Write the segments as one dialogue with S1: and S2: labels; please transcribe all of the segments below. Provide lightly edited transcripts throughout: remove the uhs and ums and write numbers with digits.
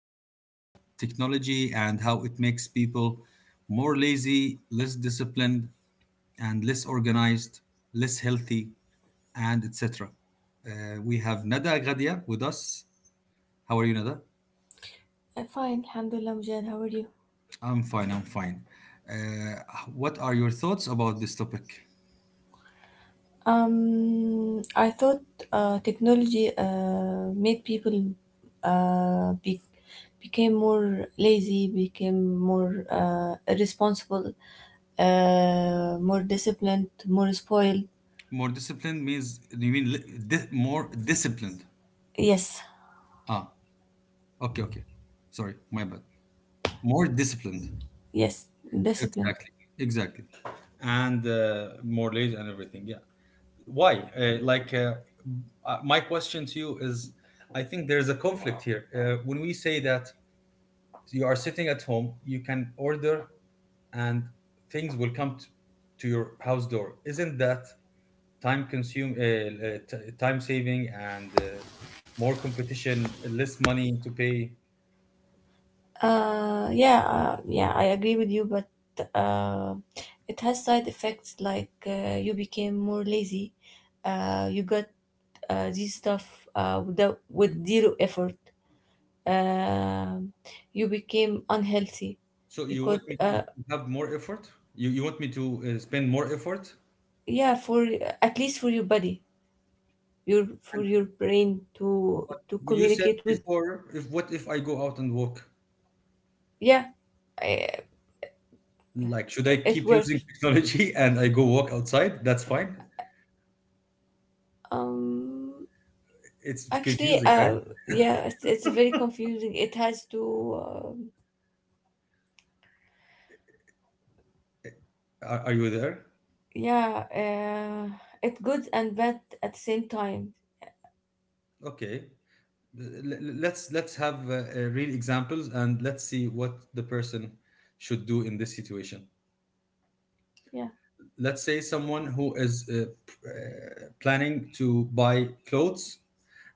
S1: uh, technology and how it makes people more lazy, less disciplined, and less organized, less healthy, and etc. We have Nada Gadia with us. How are you, Nada?
S2: Fine, Alhamdulillah, Mujahid, how are you?
S1: I'm fine, I'm fine. Uh, what are your thoughts about this topic?
S2: I thought technology made people uh, be- became more lazy, became more irresponsible, more disciplined, more spoiled.
S1: More disciplined means, you mean more disciplined?
S2: Yes,
S1: Ah, okay, okay. Sorry, my bad. More disciplined.
S2: yes, disciplined.
S1: Exactly, exactly, and more leads and everything. Yeah, why? Like my question to you is, I think there's a conflict here when we say that you are sitting at home, you can order, and things will come to your house door. Isn't that time consume, time saving, and more competition, less money to pay?
S2: Yeah, I agree with you, but uh, it has side effects like you became more lazy, you got this stuff without, with zero effort. Um you became unhealthy
S1: So you
S2: because
S1: want me to have more effort? You want me to spend more effort?
S2: yeah, for at least for your body, your for
S1: And
S2: your brain to
S1: you said
S2: communicate with
S1: before, if what if I go out and walk?
S2: yeah, I-
S1: Like, should I
S2: it
S1: keep using
S2: works.
S1: technology and I go walk outside? That's fine.
S2: Um,
S1: It's
S2: Actually,
S1: confusing, right?
S2: yeah, it's very confusing. It has to
S1: Are you there?
S2: yeah, it's good and bad at the same time.
S1: Okay. Let's have real examples, and let's see what the person should do in this situation.
S2: Yeah.
S1: Let's say someone who is planning to buy clothes,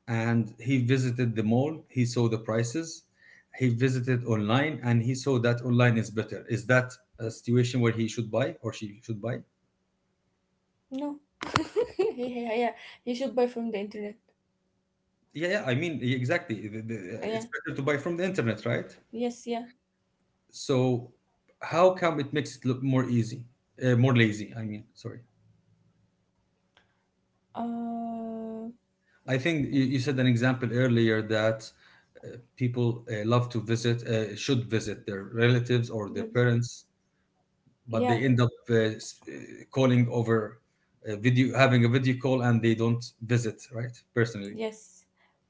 S1: and he visited the mall, he saw the prices, he visited online, and he saw that online is better. Is that a situation where he should buy, or she should buy?
S2: No. Yeah, yeah, yeah. You should buy from the internet.
S1: Yeah, yeah, I mean, yeah, exactly.
S2: Yeah.
S1: It's better to buy from the internet, right?
S2: Yes, yeah.
S1: So how come it makes it look more easy, more lazy, I mean, sorry.
S2: Uh,
S1: I think you said an example earlier that uh, people love to visit, should visit their relatives or their
S2: with-
S1: parents, but they
S2: yeah,
S1: end up s- uh, calling over a video, having a video call, and they don't visit, right, personally.
S2: yes.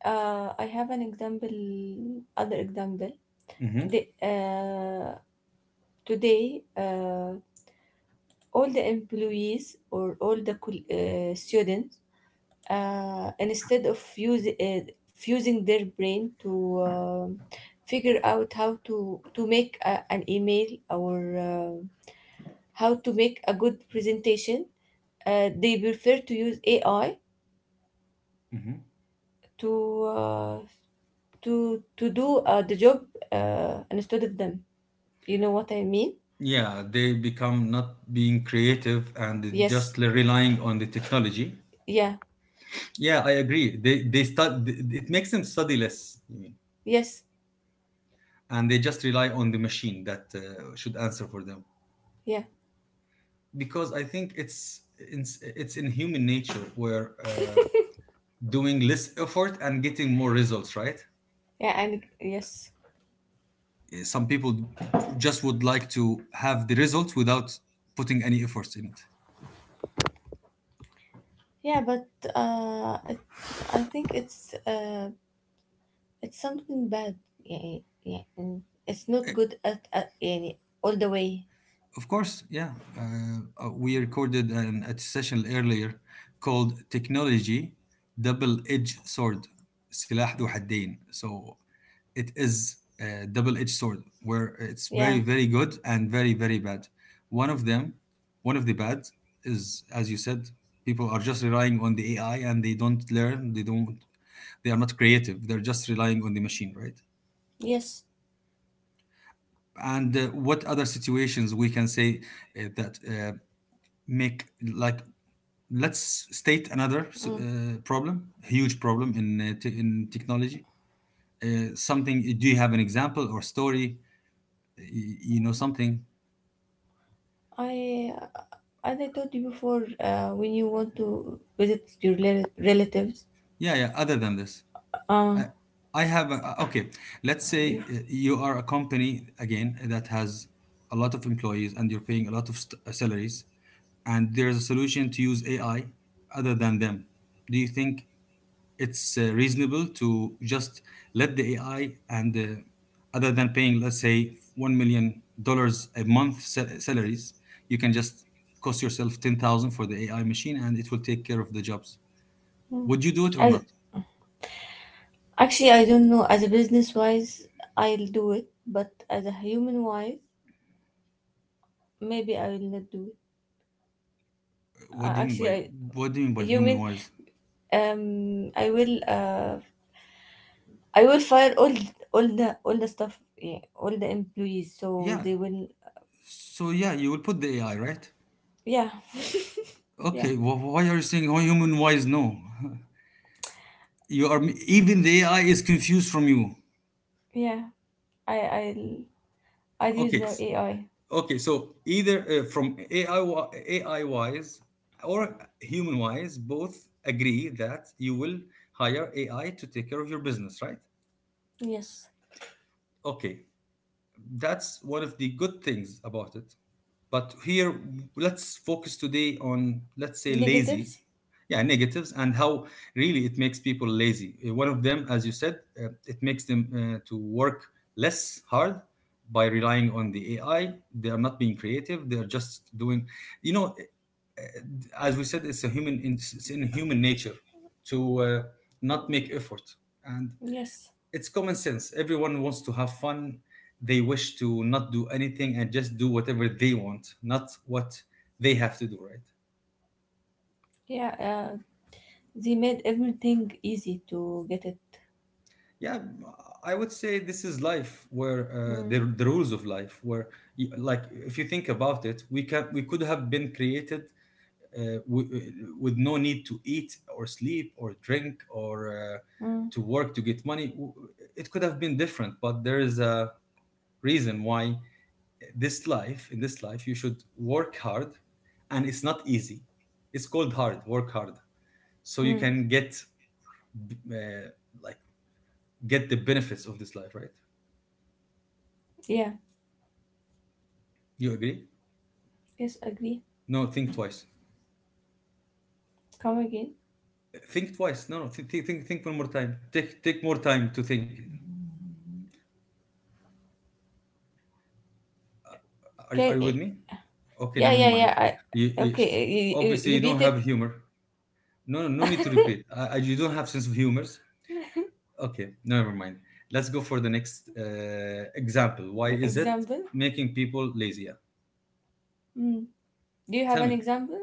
S2: I have an example, other example.
S1: Hmm.
S2: The, uh, Today, all the employees or all the students, instead of fusing their brain to figure out how to make a, an email or how to make a good presentation, they prefer to use AI
S1: Hmm.
S2: to. Uh, to to do the job instead of them. You know what I mean?
S1: Yeah, they become not being creative and
S2: Yes.
S1: just relying on the technology.
S2: Yeah.
S1: Yeah, I agree, they start, it makes them study less, you mean.
S2: Yes.
S1: And they just rely on the machine that should answer for them.
S2: Yeah.
S1: Because I think it's in human nature where doing less effort and getting more results, right?
S2: Yeah. And yes.
S1: Some people just would like to have the results without putting any efforts in it.
S2: Yeah, but uh, it, I think it's something bad. Yeah, yeah. Mm. It's not good at يعني all the way.
S1: Of course, yeah. We recorded a session earlier called Technology Double Edged Sword سلاح ذو حدين. So it is a double edged sword where it's very,
S2: Yeah.
S1: very good and very, very bad. One of them, one of the bad is, as you said, people are just relying on the AI, and they don't learn, they don't, they are not creative, they're just relying on the machine, right?
S2: Yes.
S1: And what other situations we can say that make, like, let's state another
S2: Mm.
S1: problem, huge problem in in technology, uh, something. Do you have an example or story, you know, something?
S2: I as I told you before, when you want to visit your relatives,
S1: Yeah, yeah, other than this.
S2: uh,
S1: uh, okay, let's say
S2: you,
S1: you are a company again that has a lot of employees, and you're paying a lot of salaries, and there's a solution to use AI other than them. Do you think it's reasonable to just let the AI, and other than paying, let's say, $1 million a month salaries, you can just cost yourself 10,000 for the AI machine, and it will take care of the jobs.
S2: mm.
S1: Would you do it or
S2: as
S1: not?
S2: Actually, I don't know. As a business wise, I'll do it, but as a human wise, maybe I will not do it.
S1: What do you mean
S2: Actually,
S1: by
S2: I
S1: what do you mean
S2: A
S1: by
S2: human.
S1: human wise?
S2: I will. I will fire all all the stuff. Yeah, all the employees. So
S1: Yeah.
S2: they will.
S1: So yeah, you will put the AI, right?
S2: Yeah, yeah,
S1: Okay. Well, why are you saying, oh, human wise? No, you are even the AI is confused from you.
S2: yeah. I'll use
S1: Okay.
S2: the AI.
S1: Okay, so either from AI, AI wise, or human wise, both agree that you will hire AI to take care of your business, right?
S2: Yes.
S1: Okay, that's one of the good things about it. But here, let's focus today on, let's say, lazy,
S2: Negatives.
S1: yeah, negatives, and how really it makes people lazy. One of them, as you said, it makes them to work less hard by relying on the AI. They are not being creative. They are just doing, you know, as we said, it's a human, it's in human nature to not make effort. And
S2: Yes.
S1: it's common sense. Everyone wants to have fun. They wish to not do anything and just do whatever they want, not what they have to do, right?
S2: Yeah. They made everything easy to get it.
S1: Yeah, I would say this is life, where
S2: Mm,
S1: the rules of life, where like if you think about it, we could have been created, uh, w- uh, with no need to eat or sleep or drink or
S2: mm,
S1: to work to get money. It could have been different, but there is a reason why this life in this life you should work hard, and it's not easy, it's called hard work, hard, so you
S2: mm.
S1: can get uh, like get the benefits of this life, right?
S2: Yeah.
S1: You agree?
S2: Yes. Agree.
S1: No, think twice.
S2: Come again.
S1: Think twice. No, no, think, think, think one more time. Take more time to think. Are
S2: Can
S1: you with me? Okay,
S2: Yeah,
S1: never
S2: yeah,
S1: mind.
S2: yeah.
S1: you, you-
S2: Okay,
S1: Obviously you
S2: repeat
S1: don't have
S2: it.
S1: humor. No, no, no need to repeat. You don't have sense of humor. Okay, never mind. Let's go for the next example. Why is it
S2: Example.
S1: making people lazier?
S2: Mm. Do you have
S1: Tell
S2: an
S1: me.
S2: example?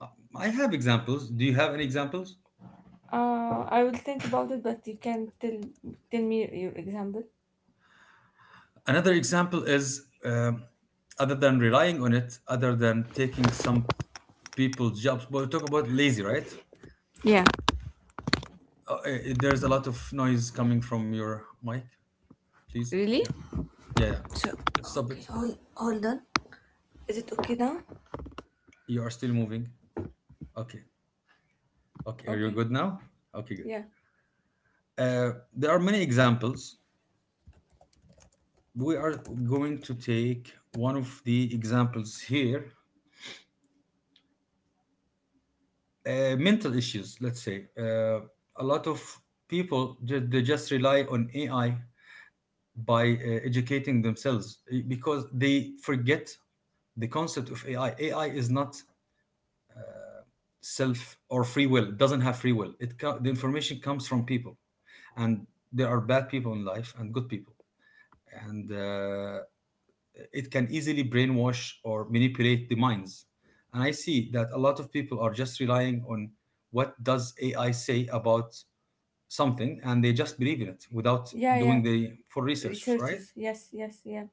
S1: Uh, I have examples. Do you have any examples?
S2: I will think about it, but you can tell me your example.
S1: Another example is other than relying on it, other than taking some people's jobs. But we talk about lazy, right?
S2: Yeah.
S1: Uh, uh, there's a lot of noise coming from your mic. Please,
S2: Really?
S1: yeah, yeah, yeah.
S2: So
S1: Stop
S2: okay,
S1: it.
S2: hold on. Is it okay now?
S1: You are still moving. Okay, okay. Are you
S2: Okay.
S1: good now? Okay, good.
S2: Yeah.
S1: Uh, there are many examples. We are going to take one of the examples here, mental issues, let's say. A lot of people they just rely on AI by educating themselves, because they forget the concept of AI. AI is not self or free will, it doesn't have free will. The information comes from people, and there are bad people in life and good people. And it can easily brainwash or manipulate the minds. And I see that a lot of people are just relying on what does AI say about something, and they just believe in it without
S2: Yeah, yeah.
S1: doing the full research. Right?
S2: Researchers. Yes, yes, yeah.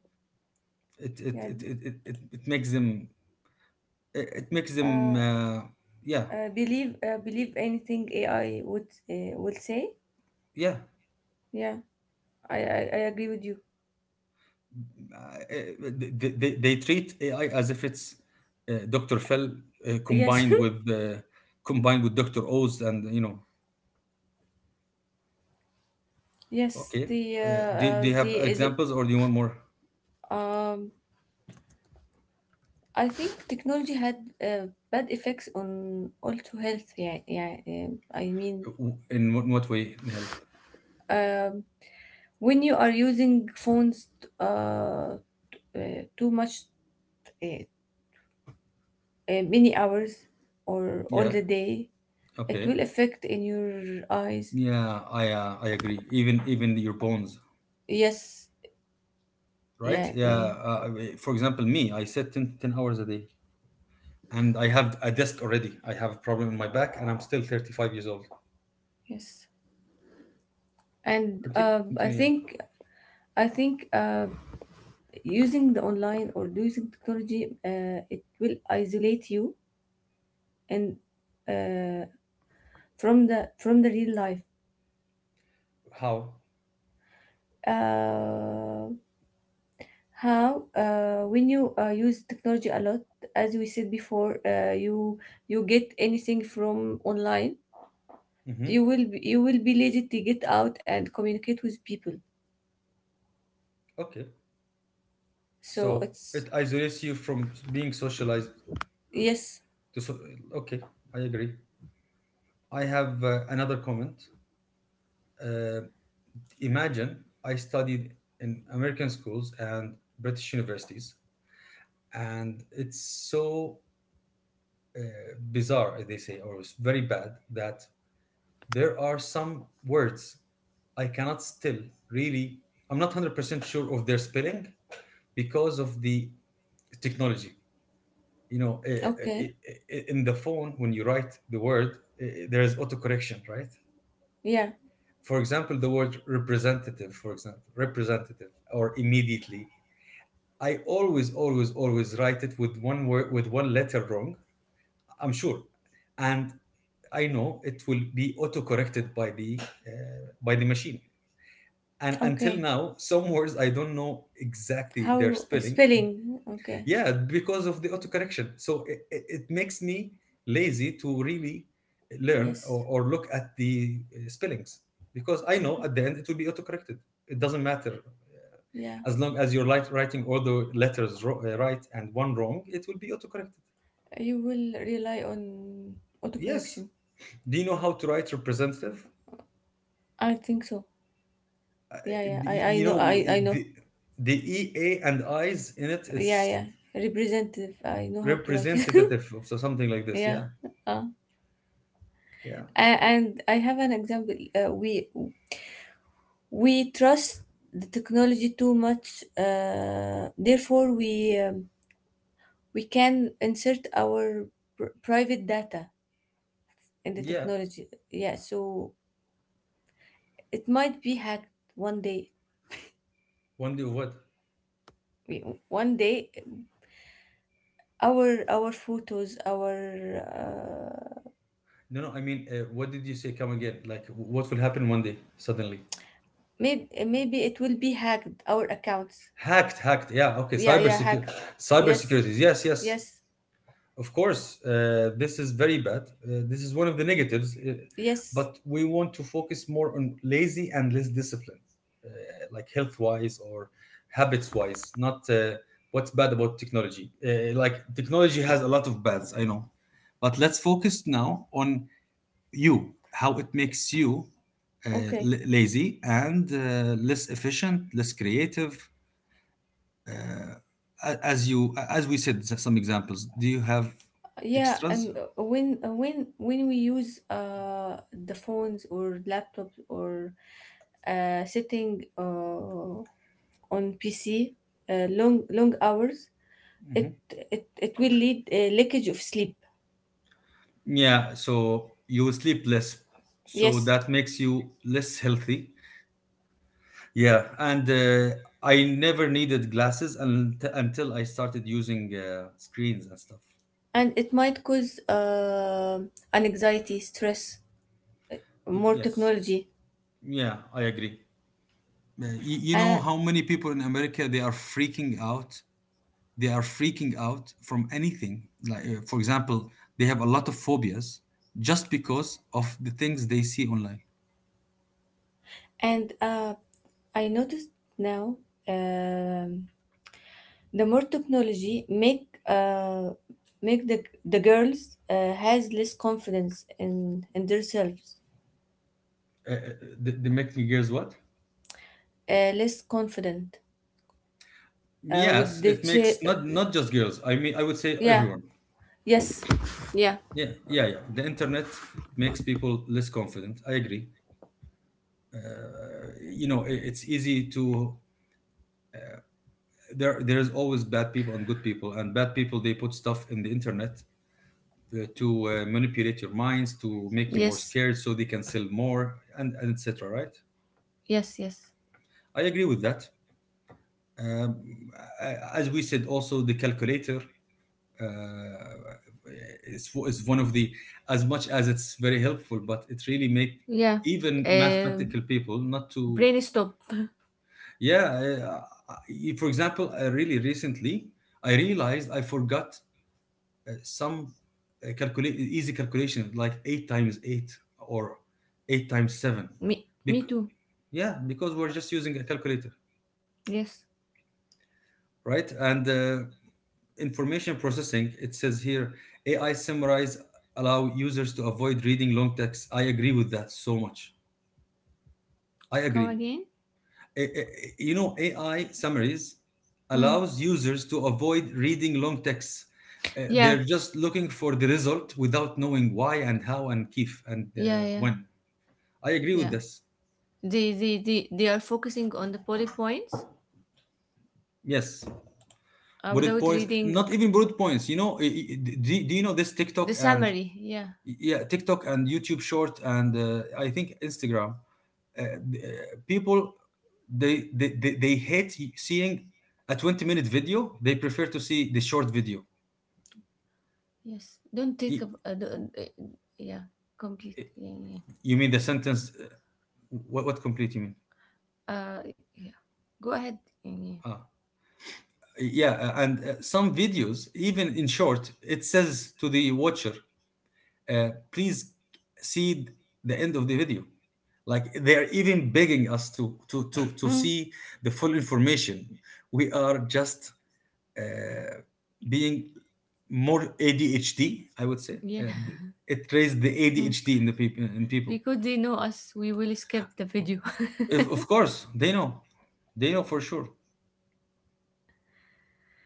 S1: It it
S2: Yeah.
S1: it it it, it it makes them. it it makes them
S2: Uh,
S1: uh, yeah,
S2: Believe anything AI would will say.
S1: yeah.
S2: Yeah. I agree with you.
S1: Uh, they treat AI as if it's Dr. Phil, uh,
S2: Yes.
S1: combined with uh, combined with Dr. Oz, and you know.
S2: Yes,
S1: Okay. Uh, do you have
S2: the
S1: examples, or do you want more?
S2: Um, I think technology had bad effects on also health. Yeah, yeah. I mean,
S1: In what way, in health?
S2: um, when you are using phones uh, too much, uh, many hours or all
S1: Yeah.
S2: the day, it
S1: Okay.
S2: will affect in your eyes.
S1: Yeah, I agree. Even your bones,
S2: Yes,
S1: right?
S2: yeah,
S1: Yeah. For example, me, I sit ten hours a day, and I have a desk already. I have a problem in my back, and I'm still 35 years old.
S2: yes. And
S1: Continue.
S2: I
S1: Continue. Yeah.
S2: think I think uh, using the online or using technology, it will isolate you and uh, from the real life
S1: How?
S2: uh, how when you use technology a lot as we said before you get anything from online
S1: Mm-hmm.
S2: you will be lazy to get out and communicate with people,
S1: Okay.
S2: so
S1: So
S2: it's
S1: it isolates you from being socialized.
S2: yes
S1: To so- okay, I agree. I have another comment. Uh, Imagine I studied in American schools and British universities, and it's so uh, bizarre, as they say, or it's very bad that there are some words I cannot still really, I'm not 100% sure of their spelling because of the technology. You know,
S2: okay
S1: in the phone, when you write the word, there is autocorrection, right?
S2: yeah
S1: For example, the word representative, for example, representative or immediately, I always, always, always write it with one word, with one letter wrong. I'm sure, and I know it will be auto corrected by the machine. And until
S2: okay
S1: now, some words I don't know exactly their
S2: how
S1: spelling,
S2: spelling okay
S1: yeah, because of the autocorrection. So it makes me lazy to really learn,
S2: yes
S1: or look at the spellings, because I know at the end it will be autocorrected, it doesn't matter.
S2: yeah
S1: As long as you're writing all the letters right and one wrong, it will be autocorrected.
S2: you will rely on
S1: Yes,
S2: autocorrection.
S1: do you know how to write representative?
S2: I think so yeah
S1: I-
S2: yeah
S1: you know,
S2: I know.
S1: the, the ea and i's in it,
S2: Yeah
S1: it's
S2: yeah representative, I know how to write it.
S1: representative of so something like this,
S2: Yeah
S1: yeah.
S2: uh,
S1: Yeah,
S2: and I have an example we trust the technology too much therefore we can insert our private data in the
S1: yeah,
S2: technology, yeah, so it might be hacked one day.
S1: one day of what?
S2: One day our photos our uh,
S1: No, no. I mean, what did you say? Come again? Like, what will happen one day suddenly?
S2: maybe maybe it will be hacked our accounts
S1: Hacked, hacked. Yeah. Okay.
S2: yeah
S1: Cyber
S2: yeah
S1: security.
S2: hacked
S1: Cyber
S2: yes.
S1: security. Yes, yes.
S2: Yes,
S1: Of course. This is very bad. This is one of the negatives.
S2: yes.
S1: But we want to focus more on lazy and less discipline, uh, like health wise or habits wise. Not what's bad about technology. Like technology has a lot of bads. I know, but let's focus now on you how it makes you
S2: Okay.
S1: lazy and less efficient less creative uh, as we said some examples do you have
S2: Yeah,
S1: extras.
S2: and when we use the phones or laptops or sitting on PC long long hours,
S1: Mhm.
S2: it it it will lead a leakage of sleep.
S1: Yeah, so you will sleep less, so
S2: Yes,
S1: that makes you less healthy. Yeah, and I never needed glasses until I started using screens and stuff.
S2: and it might cause an anxiety, stress, more
S1: Yes.
S2: technology,
S1: Yeah, I agree. You know
S2: uh,
S1: how many people in America they are freaking out. They are freaking out from anything. Like for example, they have a lot of phobias just because of the things they see online.
S2: and I noticed now um, the more technology make the girls has less confidence in themselves,
S1: Uh, uh, they make me girls what?
S2: less confident uh, with
S1: Yes,
S2: the
S1: it
S2: ch-
S1: makes not just girls. I mean, I would say
S2: yeah
S1: everyone.
S2: yes yeah
S1: Yeah, yeah, yeah. The internet makes people less confident. I agree. Uh, you know, I- it's easy to there. There is always bad people and good people, and bad people they put stuff in the internet to manipulate your minds, to make you more
S2: yes
S1: scared, so they can sell more, and etc. Right?
S2: yes yes
S1: I agree with that. Um, as we said, also the calculator uh, is one of the, as much as it's very helpful, but it really make
S2: yeah
S1: even
S2: uh,
S1: mathematical people not to.
S2: brain stop.
S1: Yeah, for example, I really recently I realized I forgot some calculate easy calculation like 8 times 8 or 8 times 7.
S2: Me
S1: Bec-
S2: too.
S1: yeah, because we're just using a calculator,
S2: Yes,
S1: right? And information processing, it says here AI summarize allow users to avoid reading long text. I agree with that so much. I
S2: come
S1: agree.
S2: again.
S1: A- a- you know, AI summaries
S2: Hmm.
S1: allows users to avoid reading long texts.
S2: yeah
S1: They're just looking for the result without knowing why and how and if and
S2: yeah yeah
S1: when. I agree with
S2: yeah
S1: this.
S2: they are focusing on the poly points
S1: Yes, bullet
S2: without
S1: points.
S2: reading
S1: Not even bullet points, you know. Do you know this
S2: the
S1: TikTok and,
S2: summary. Yeah,
S1: yeah, TikTok and YouTube short and I think Instagram, uh, uh, people they hate seeing a 20-minute video. They prefer to see the short video.
S2: yes. Don't take
S1: Y-
S2: up. Don't, Yeah, complete. Yeah, yeah.
S1: you mean the sentence what complete you mean?
S2: Uh, yeah. Go ahead. Yeah, yeah.
S1: Ah, yeah, and some videos even in short, it says to the watcher, please see the end of the video. Like they're even begging us to
S2: Mm,
S1: see the full information. We are just uh, being more ADHD, I would say.
S2: yeah.
S1: It raised the
S2: Mm.
S1: ADHD in the people in people.
S2: Because they know us, we will skip the video.
S1: If, of course, they know for sure.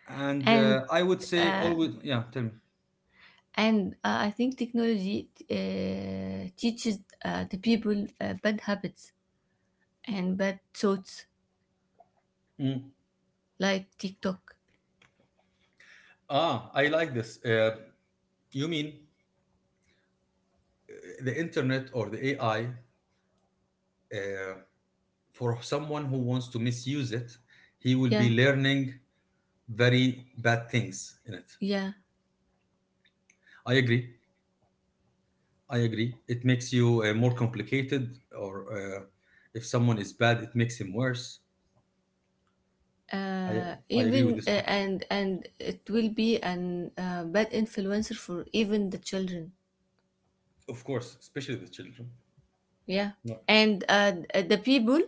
S1: And
S2: And
S1: I would say
S2: uh,
S1: always, yeah. Tell me.
S2: I think technology teaches the people bad habits and bad thoughts
S1: Mm.
S2: like TikTok.
S1: Ah, I like this. You mean uh, the internet or the AI? Uh, for someone who wants to misuse it, he will
S2: Yeah,
S1: be learning very bad things in it.
S2: yeah.
S1: I agree. I agree. It makes you more complicated, or if someone is bad, it makes him worse. I I agree with
S2: Even
S1: this point.
S2: And it will be an bad influencer for even the children.
S1: Of course, especially the children.
S2: Yeah,
S1: No.
S2: and the people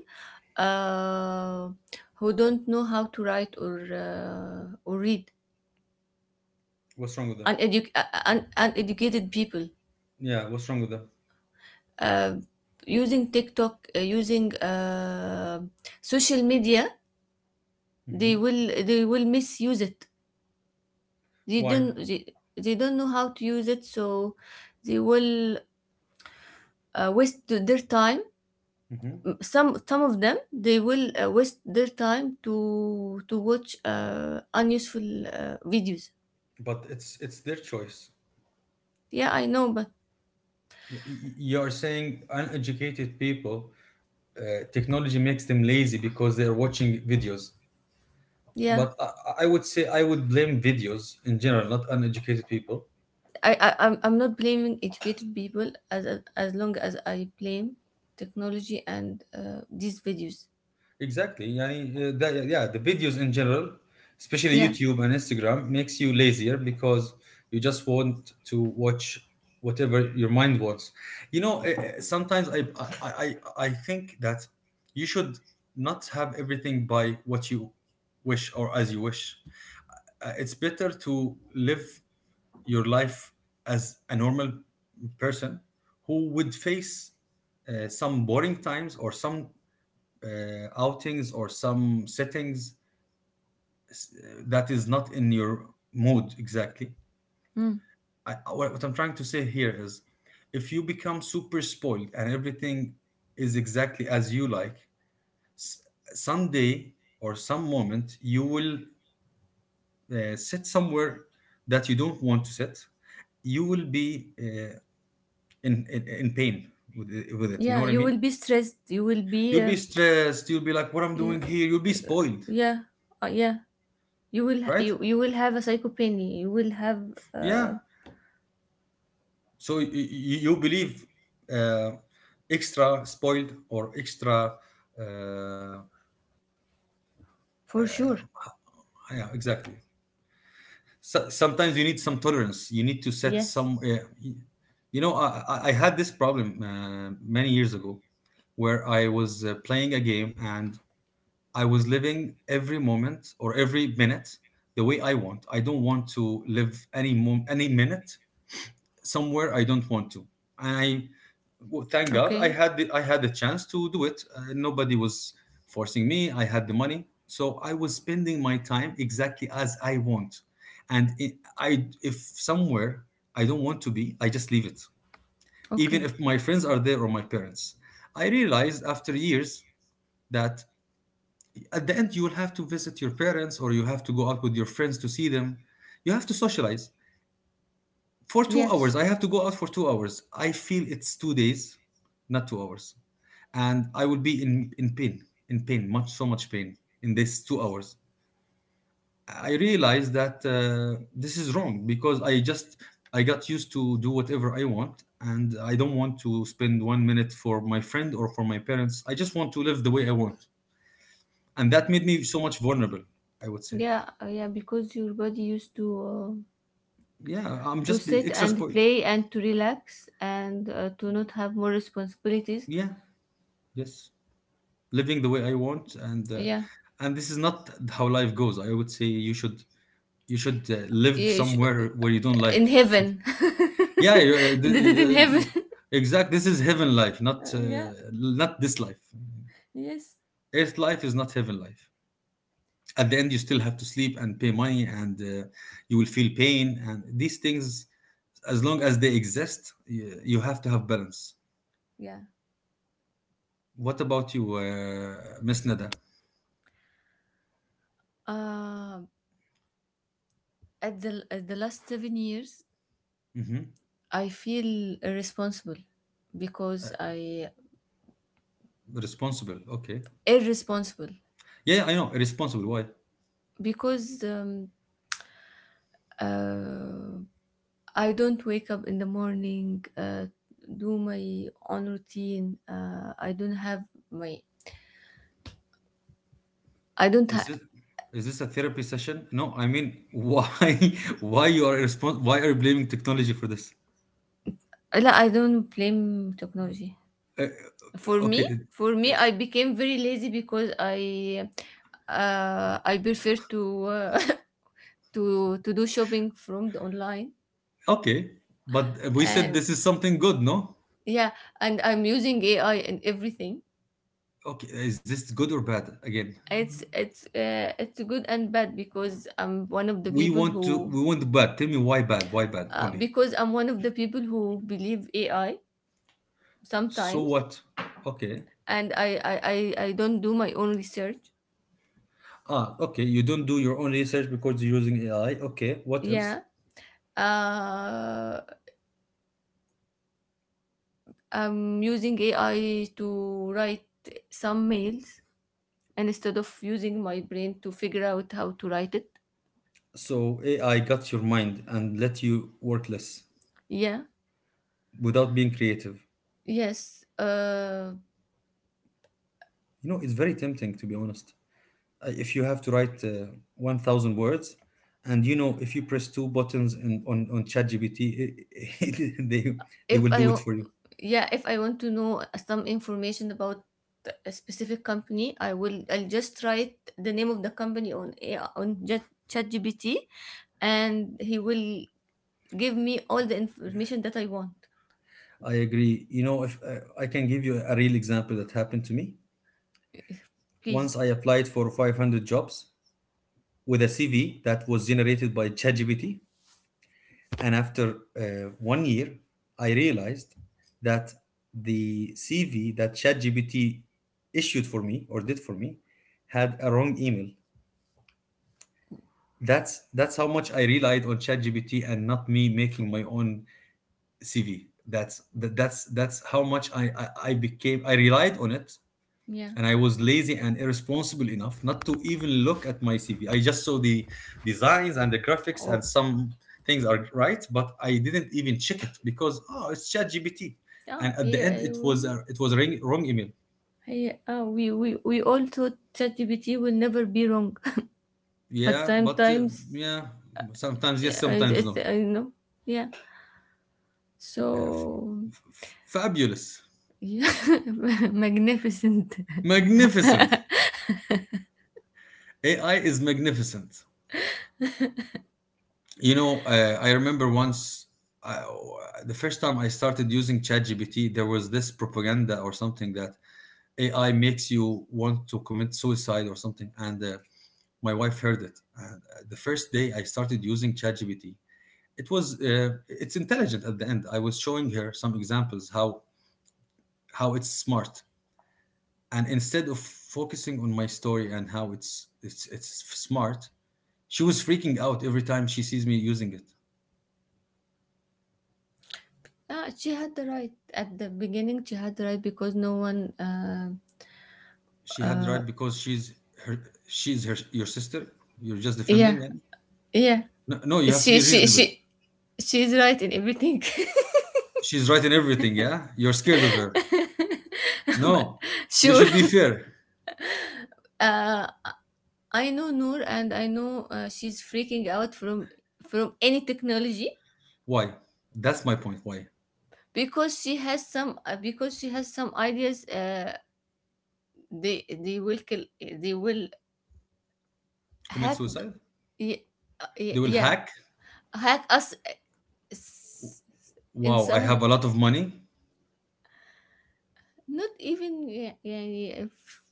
S2: uh, who don't know how to write or read
S1: What's wrong with them?
S2: uneducated people
S1: Yeah, what's wrong with them?
S2: uh, using tiktok using social media
S1: Hmm.
S2: they will misuse it, they
S1: Why?
S2: don't they, they don't know how to use it, so they will waste their time.
S1: Hmm.
S2: Some of them they will waste their time to watch unuseful videos.
S1: But it's their choice.
S2: Yeah I know but
S1: You are saying uneducated people, technology makes them lazy because they are watching videos.
S2: yeah
S1: But I would say I would blame videos in general, not uneducated people.
S2: I'm not blaming educated people as long as I blame technology and these videos.
S1: Exactly. Yani, yeah, the videos in general, especially
S2: Yeah.
S1: YouTube and Instagram, makes you lazier because you just want to watch whatever your mind wants. You know, sometimes I, I, I think that you should not have everything by what you wish or as you wish. It's better to live your life as a normal person who would face some boring times or some outings or some settings that is not in your mood exactly.
S2: Mm.
S1: What I'm trying to say here is if you become super spoiled and everything is exactly as you like, s- someday or some moment, you will sit somewhere that you don't want to sit. You will be in pain with it. You know
S2: Yeah,
S1: what I
S2: you
S1: mean?
S2: will be stressed, you will be
S1: You'll be stressed. You'll be like, "What I'm
S2: yeah
S1: doing here?" You'll be spoiled,
S2: yeah, yeah.
S1: right?
S2: You will have a psychopathy, you will have
S1: Yeah.
S2: uh,
S1: So you believe uh, extra spoiled or extra, uh,
S2: for
S1: uh,
S2: sure
S1: yeah, exactly. So, sometimes you need some tolerance. You need to set
S2: yes
S1: some. You know, I I had this problem many years ago, where I was playing a game, and I was living every moment or every minute the way I want. I don't want to live any minute somewhere I don't want to. And well, thank God,
S2: okay
S1: I had the chance to do it. Nobody was forcing me. I had the money, so I was spending my time exactly as I want. And if somewhere I don't want to be, I just leave it, even
S2: okay.
S1: if my friends are there or my parents. I realized after years that at the end you will have to visit your parents or you have to go out with your friends to see them. You have to socialize for two hours.
S2: Yes,
S1: I have to go out for two hours. I feel it's two days, not two hours, and I will be in pain, in pain, much so much pain in this two hours. I realized that this is wrong, because I just I got used to do whatever I want, and I don't want to spend one minute for my friend or for my parents. I just want to live the way I want, and that made me so much vulnerable. I would say,
S2: yeah, yeah, because your body used
S1: yeah,
S2: to sit
S1: extra
S2: and
S1: spoiled.
S2: play and to relax and to not have more responsibilities.
S1: Yeah, yes. Living the way I want,
S2: Yeah,
S1: and this is not how life goes. I would say you should you should live
S2: you sh-
S1: somewhere where you don't
S2: in
S1: like. Something.
S2: heaven,
S1: Yeah,
S2: did it in heaven.
S1: exact. This is heaven life, not
S2: Yeah,
S1: not this life.
S2: yes,
S1: Earth life is not heaven life. At the end, you still have to sleep and pay money, and you will feel pain. And these things, as long as they exist, you have to have balance.
S2: yeah.
S1: What about you, Miss Nada?
S2: Uh, at the at the last 7 years,
S1: Hmm.
S2: I feel
S1: Uh,
S2: because I
S1: responsible. Okay.
S2: irresponsible
S1: Yeah, I know. Responsible. Why?
S2: because uh, I don't wake up in the morning, do my own routine. I don't have my. I don't.
S1: Is it is this a therapy session? No, I mean, why why are you blaming technology for this?
S2: لا, I don't blame technology.
S1: Uh, okay,
S2: For
S1: uh,
S2: me, I became very lazy because I prefer to to do shopping from the online,
S1: okay, but we said
S2: and
S1: this is something good, no?
S2: yeah, and I'm using AI and everything.
S1: Okay, is this good or bad? Again,
S2: It's it's good and bad because I'm one of the people who
S1: we want bad. Tell me why bad? Why bad only?
S2: because I'm one of the people who believe AI
S1: So
S2: sometimes,
S1: what? Okay.
S2: and I don't do my own research.
S1: Ah, okay. You don't do your own research because you're using AI. Okay. What else?
S2: Yeah, uh, I'm using AI to write some mails, and instead of using my brain to figure out how to write it.
S1: So AI got your mind and let you work less
S2: Yeah.
S1: without being creative.
S2: Yes.
S1: You know, it's very tempting to be honest. Uh, if you have to write 1,000 words, and you know if you press two buttons on ChatGPT they they
S2: If
S1: will
S2: I
S1: do it
S2: wa-
S1: for you.
S2: Yeah, if I want to know some information about a specific company, I will I'll just write the name of the company on a ChatGPT, and he will give me all the information that I want.
S1: I agree. You know, if I can give you a real example that happened to me. Once
S2: Please,
S1: I applied for 500 jobs with a CV that was generated by ChatGPT, and after 1 year I realized that the CV that ChatGPT issued for me or did for me had a wrong email. That's how much I relied on ChatGPT and not me
S2: F-
S1: making my own CV. That's that, that's how much I relied on it,
S2: yeah.
S1: and I was lazy and irresponsible enough not to even look at my CV. I just saw the designs and the graphics
S2: Oh,
S1: and some things are right, but I didn't even check it because, oh, it's ChatGPT.
S2: yeah.
S1: And at the
S2: Here
S1: end
S2: I will.
S1: it was a wrong wrong email.
S2: Here, ah, we all thought ChatGPT will never be wrong, but
S1: Yeah, but
S2: sometimes
S1: yeah, sometimes yes,
S2: yeah,
S1: sometimes
S2: it's,
S1: no.
S2: I know. Yeah.
S1: Uh,
S2: So
S1: f- f- Fabulous.
S2: yeah, magnificent.
S1: Magnificent. AI is magnificent. You know, I remember once uh, the first time I started using ChatGPT, there was this propaganda or something that AI makes you want to commit suicide or something. And my wife heard it. And the first day I started using ChatGPT, it was it's intelligent at the end. I was showing her some examples how it's smart. And instead of focusing on my story and how it's smart, she was freaking out every time she sees me using it.
S2: Ah, she had the right at the beginning. She had the right because no one.
S1: She had the
S2: Uh,
S1: right because she's her, she's her, your sister. You're just
S2: yeah,
S1: defending. And
S2: yeah.
S1: no, no, you have to
S2: She,
S1: be
S2: she,
S1: reasonable.
S2: she, she's right in everything.
S1: She's right in everything. Yeah, you're scared of her.
S2: But
S1: No, you
S2: sure.
S1: should be fair.
S2: Uh, I know Noor, and I know she's freaking out from any technology
S1: Why? That's my point. Why
S2: because she has some because she has some ideas. They will kill. They will
S1: commit
S2: hack.
S1: suicide?
S2: Ye-
S1: They will
S2: yeah,
S1: hack.
S2: hack us s- in
S1: Wow, I have
S2: some
S1: a lot of money.
S2: not even yeah, yeah, yeah,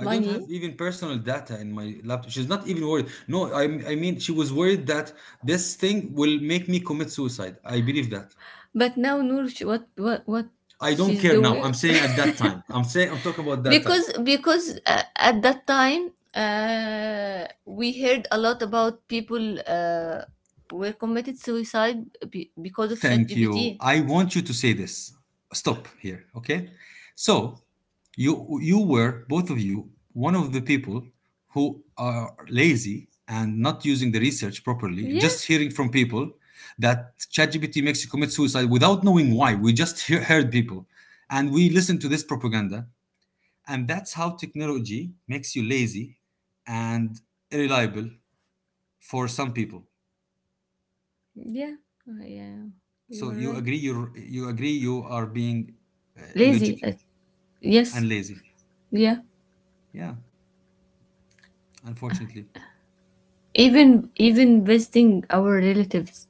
S1: I don't have
S2: money.
S1: even personal data in my laptop. She's not even worried. No, I mean, she was worried that this thing will make me commit suicide. I believe that.
S2: But now Noor what
S1: I don't
S2: she's
S1: care now.
S2: doing
S1: I'm saying at that time. I'm saying I'm talking about that time.
S2: because at that time we heard a lot about people were committed suicide because of
S1: Thank you.
S2: ChatGPT.
S1: I want you to say this. Stop here, okay? So, you were both of you one of the people who are lazy and not using the research properly,
S2: Yeah,
S1: just hearing from people that ChatGPT makes you commit suicide without knowing why. We just heard people and we listened to this propaganda, and that's how technology makes you lazy and irreliable for some people.
S2: yeah. Yeah,
S1: So
S2: you're
S1: you
S2: right.
S1: agree, you agree you are being
S2: lazy
S1: illogical
S2: uh, yes,
S1: and lazy.
S2: yeah,
S1: Yeah, unfortunately.
S2: even even visiting our relatives.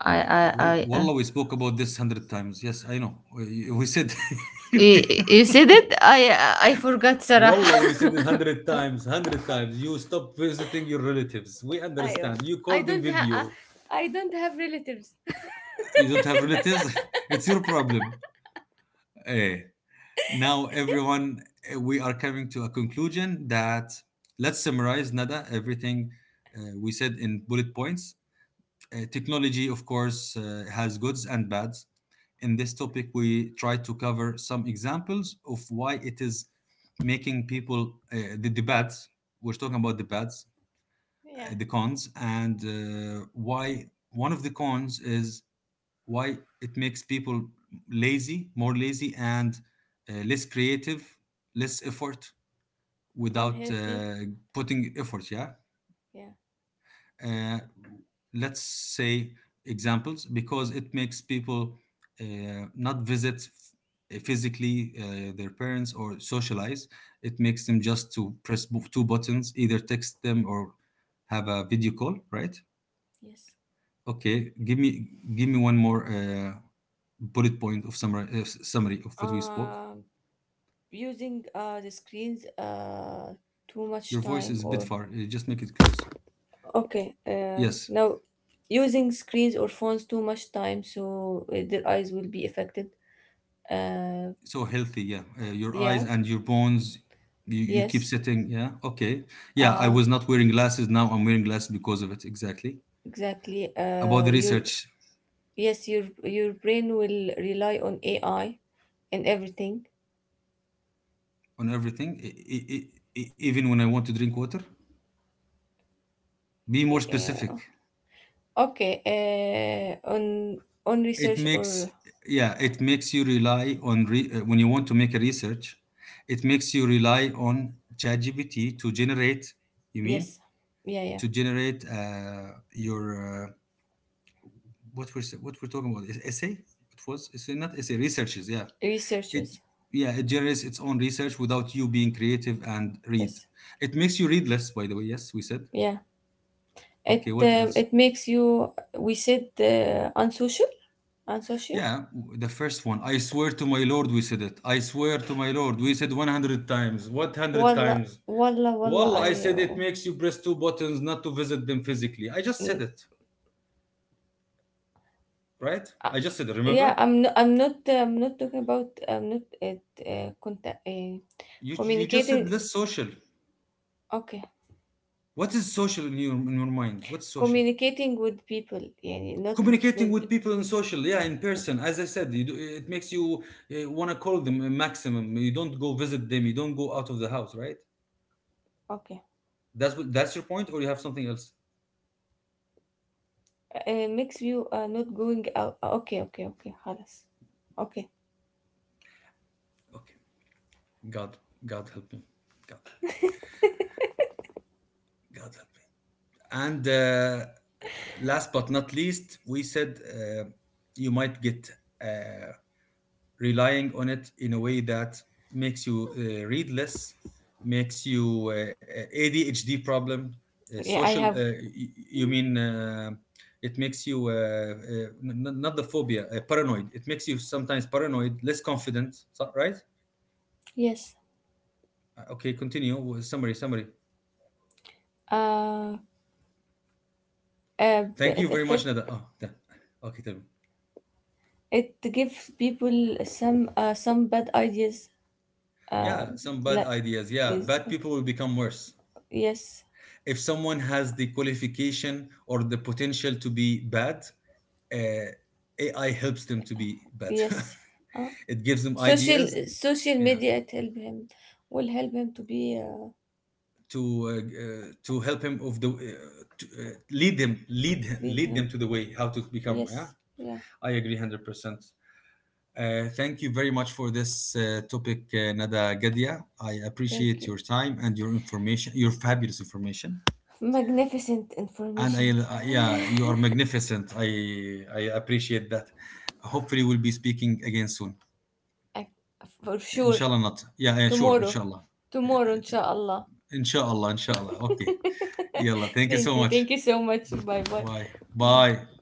S2: I
S1: Wallah, we spoke about this hundred times. Yes, I know. We said,
S2: you said it? I forgot
S1: Wallah, we said it
S2: صراحة.
S1: hundred times, hundred times. You stop visiting your relatives. We
S2: أيوة.
S1: understand. You
S2: I
S1: call them
S2: don't have
S1: video.
S2: I don't have relatives.
S1: You don't have relatives. It's your problem. Eh. Now everyone, eh, we are coming to a conclusion that let's summarize Nada everything we said in bullet points. Technology, of course, has goods and bads. In this topic, we try to cover some examples of why it is making people the bads. We're talking about the bads,
S2: Yeah,
S1: the cons, and why one of the cons is why it makes people lazy, more lazy, and less creative, less effort without
S2: unhealthy.
S1: putting effort. Yeah,
S2: Yeah.
S1: uh, let's say examples because it makes people not visit physically their parents or socialize. It makes them just to press two buttons, either text them or have a video call, right?
S2: Yes.
S1: Okay, give me, give me one more bullet point of summary, summary of what we spoke.
S2: Um, Using the screens too much
S1: Your voice
S2: time
S1: is a bit
S2: or
S1: far, just make it close.
S2: okay
S1: Yes.
S2: now, using screens or phones too much time, so their eyes will be affected. Uh,
S1: So healthy, yeah, your eyes
S2: yeah,
S1: and your bones. You keep
S2: yes.
S1: sitting, yeah, okay. Yeah, I
S2: Uh,
S1: was not wearing glasses, now I'm wearing glasses because of it, exactly.
S2: exactly.
S1: About the
S2: Your
S1: research.
S2: Yes, your brain will rely on ai and everything.
S1: On everything, even when I want to drink water. Be more specific.
S2: Yeah. Okay on
S1: It
S2: research or
S1: makes, yeah, it makes you rely on when you want to make a research, it makes you rely on ChatGPT to generate. You
S2: yes,
S1: mean
S2: yeah, yeah
S1: to generate your what we're, what we're talking about is essay. It was essay, not essay researches, yeah. It,
S2: researches
S1: yeah, it generates its own research without you being creative and read.
S2: yes
S1: It makes you read less, by the way. Yes, we said.
S2: yeah
S1: Okay, what else?
S2: it makes you. We said unsocial, unsocial
S1: Yeah, the first one, I swear to my lord, we said it, I swear to my lord, we said 100 times, what, 100
S2: walla
S1: times.
S2: walla walla
S1: Well, I
S2: I
S1: said
S2: oh,
S1: it makes you press two buttons, not to visit them physically, I just said
S2: mm,
S1: it. Right,
S2: uh,
S1: I just said it,
S2: yeah
S1: remember?
S2: I'm not talking about I'm not at contact
S1: You just said
S2: communicating
S1: less social.
S2: okay
S1: What is social in your, in your mind, what's social?
S2: communicating with people يعني not, not
S1: Communicating with people in social, yeah, in person, as I said, you do, it makes you want to call them, a maximum you don't go visit them, you don't go out of the house, right?
S2: okay
S1: That's what, that's your point, or you have something else?
S2: makes you not going out okay okay okay خلاص okay
S1: Okay, god, god help me, god, god help me. And last but not least, we said, you might get uh, relying on it in a way that makes you read less, makes you, ADHD problem,
S2: yeah I
S1: social.
S2: have
S1: You mean, it makes you, not the phobia, paranoid. It makes you sometimes paranoid, less confident. So, right?
S2: yes
S1: Okay, continue with summary, summary.
S2: uh,
S1: Thank you
S2: it
S1: very much, Nada.
S2: affect,
S1: Okay, tell me.
S2: it gives people some bad ideas uh
S1: Yeah, some bad
S2: like
S1: ideas. Yeah,
S2: yes
S1: bad people will become worse.
S2: yes
S1: If someone has the qualification or the potential to be bad, uh, AI helps them to be better.
S2: yes. uh,
S1: It gives them ideas,
S2: Social
S1: yeah,
S2: media it help him, will help him to be
S1: to to help him of the to, lead them, lead
S2: lead
S1: lead them
S2: him
S1: to the way how to become. Yeah,
S2: yes yeah
S1: I agree 100%. Thank you very much for this topic, Nada Gadia. I
S2: thank
S1: appreciate
S2: you.
S1: your time and your information, your fabulous information.
S2: Magnificent
S1: And
S2: information.
S1: yeah, you are magnificent. I appreciate that. Hopefully, we'll be speaking again soon.
S2: Ac- For sure.
S1: Inshallah, not. Yeah, yeah, sure.
S2: Tomorrow.
S1: Inshallah.
S2: Tomorrow,
S1: Uh,
S2: inshallah.
S1: Inshaallah, Inshaallah. Okay. Yalla, thank you so
S2: Thank you.
S1: much.
S2: Thank you so much. Bye bye.
S1: Bye,
S2: Bye
S1: bye.
S2: bye.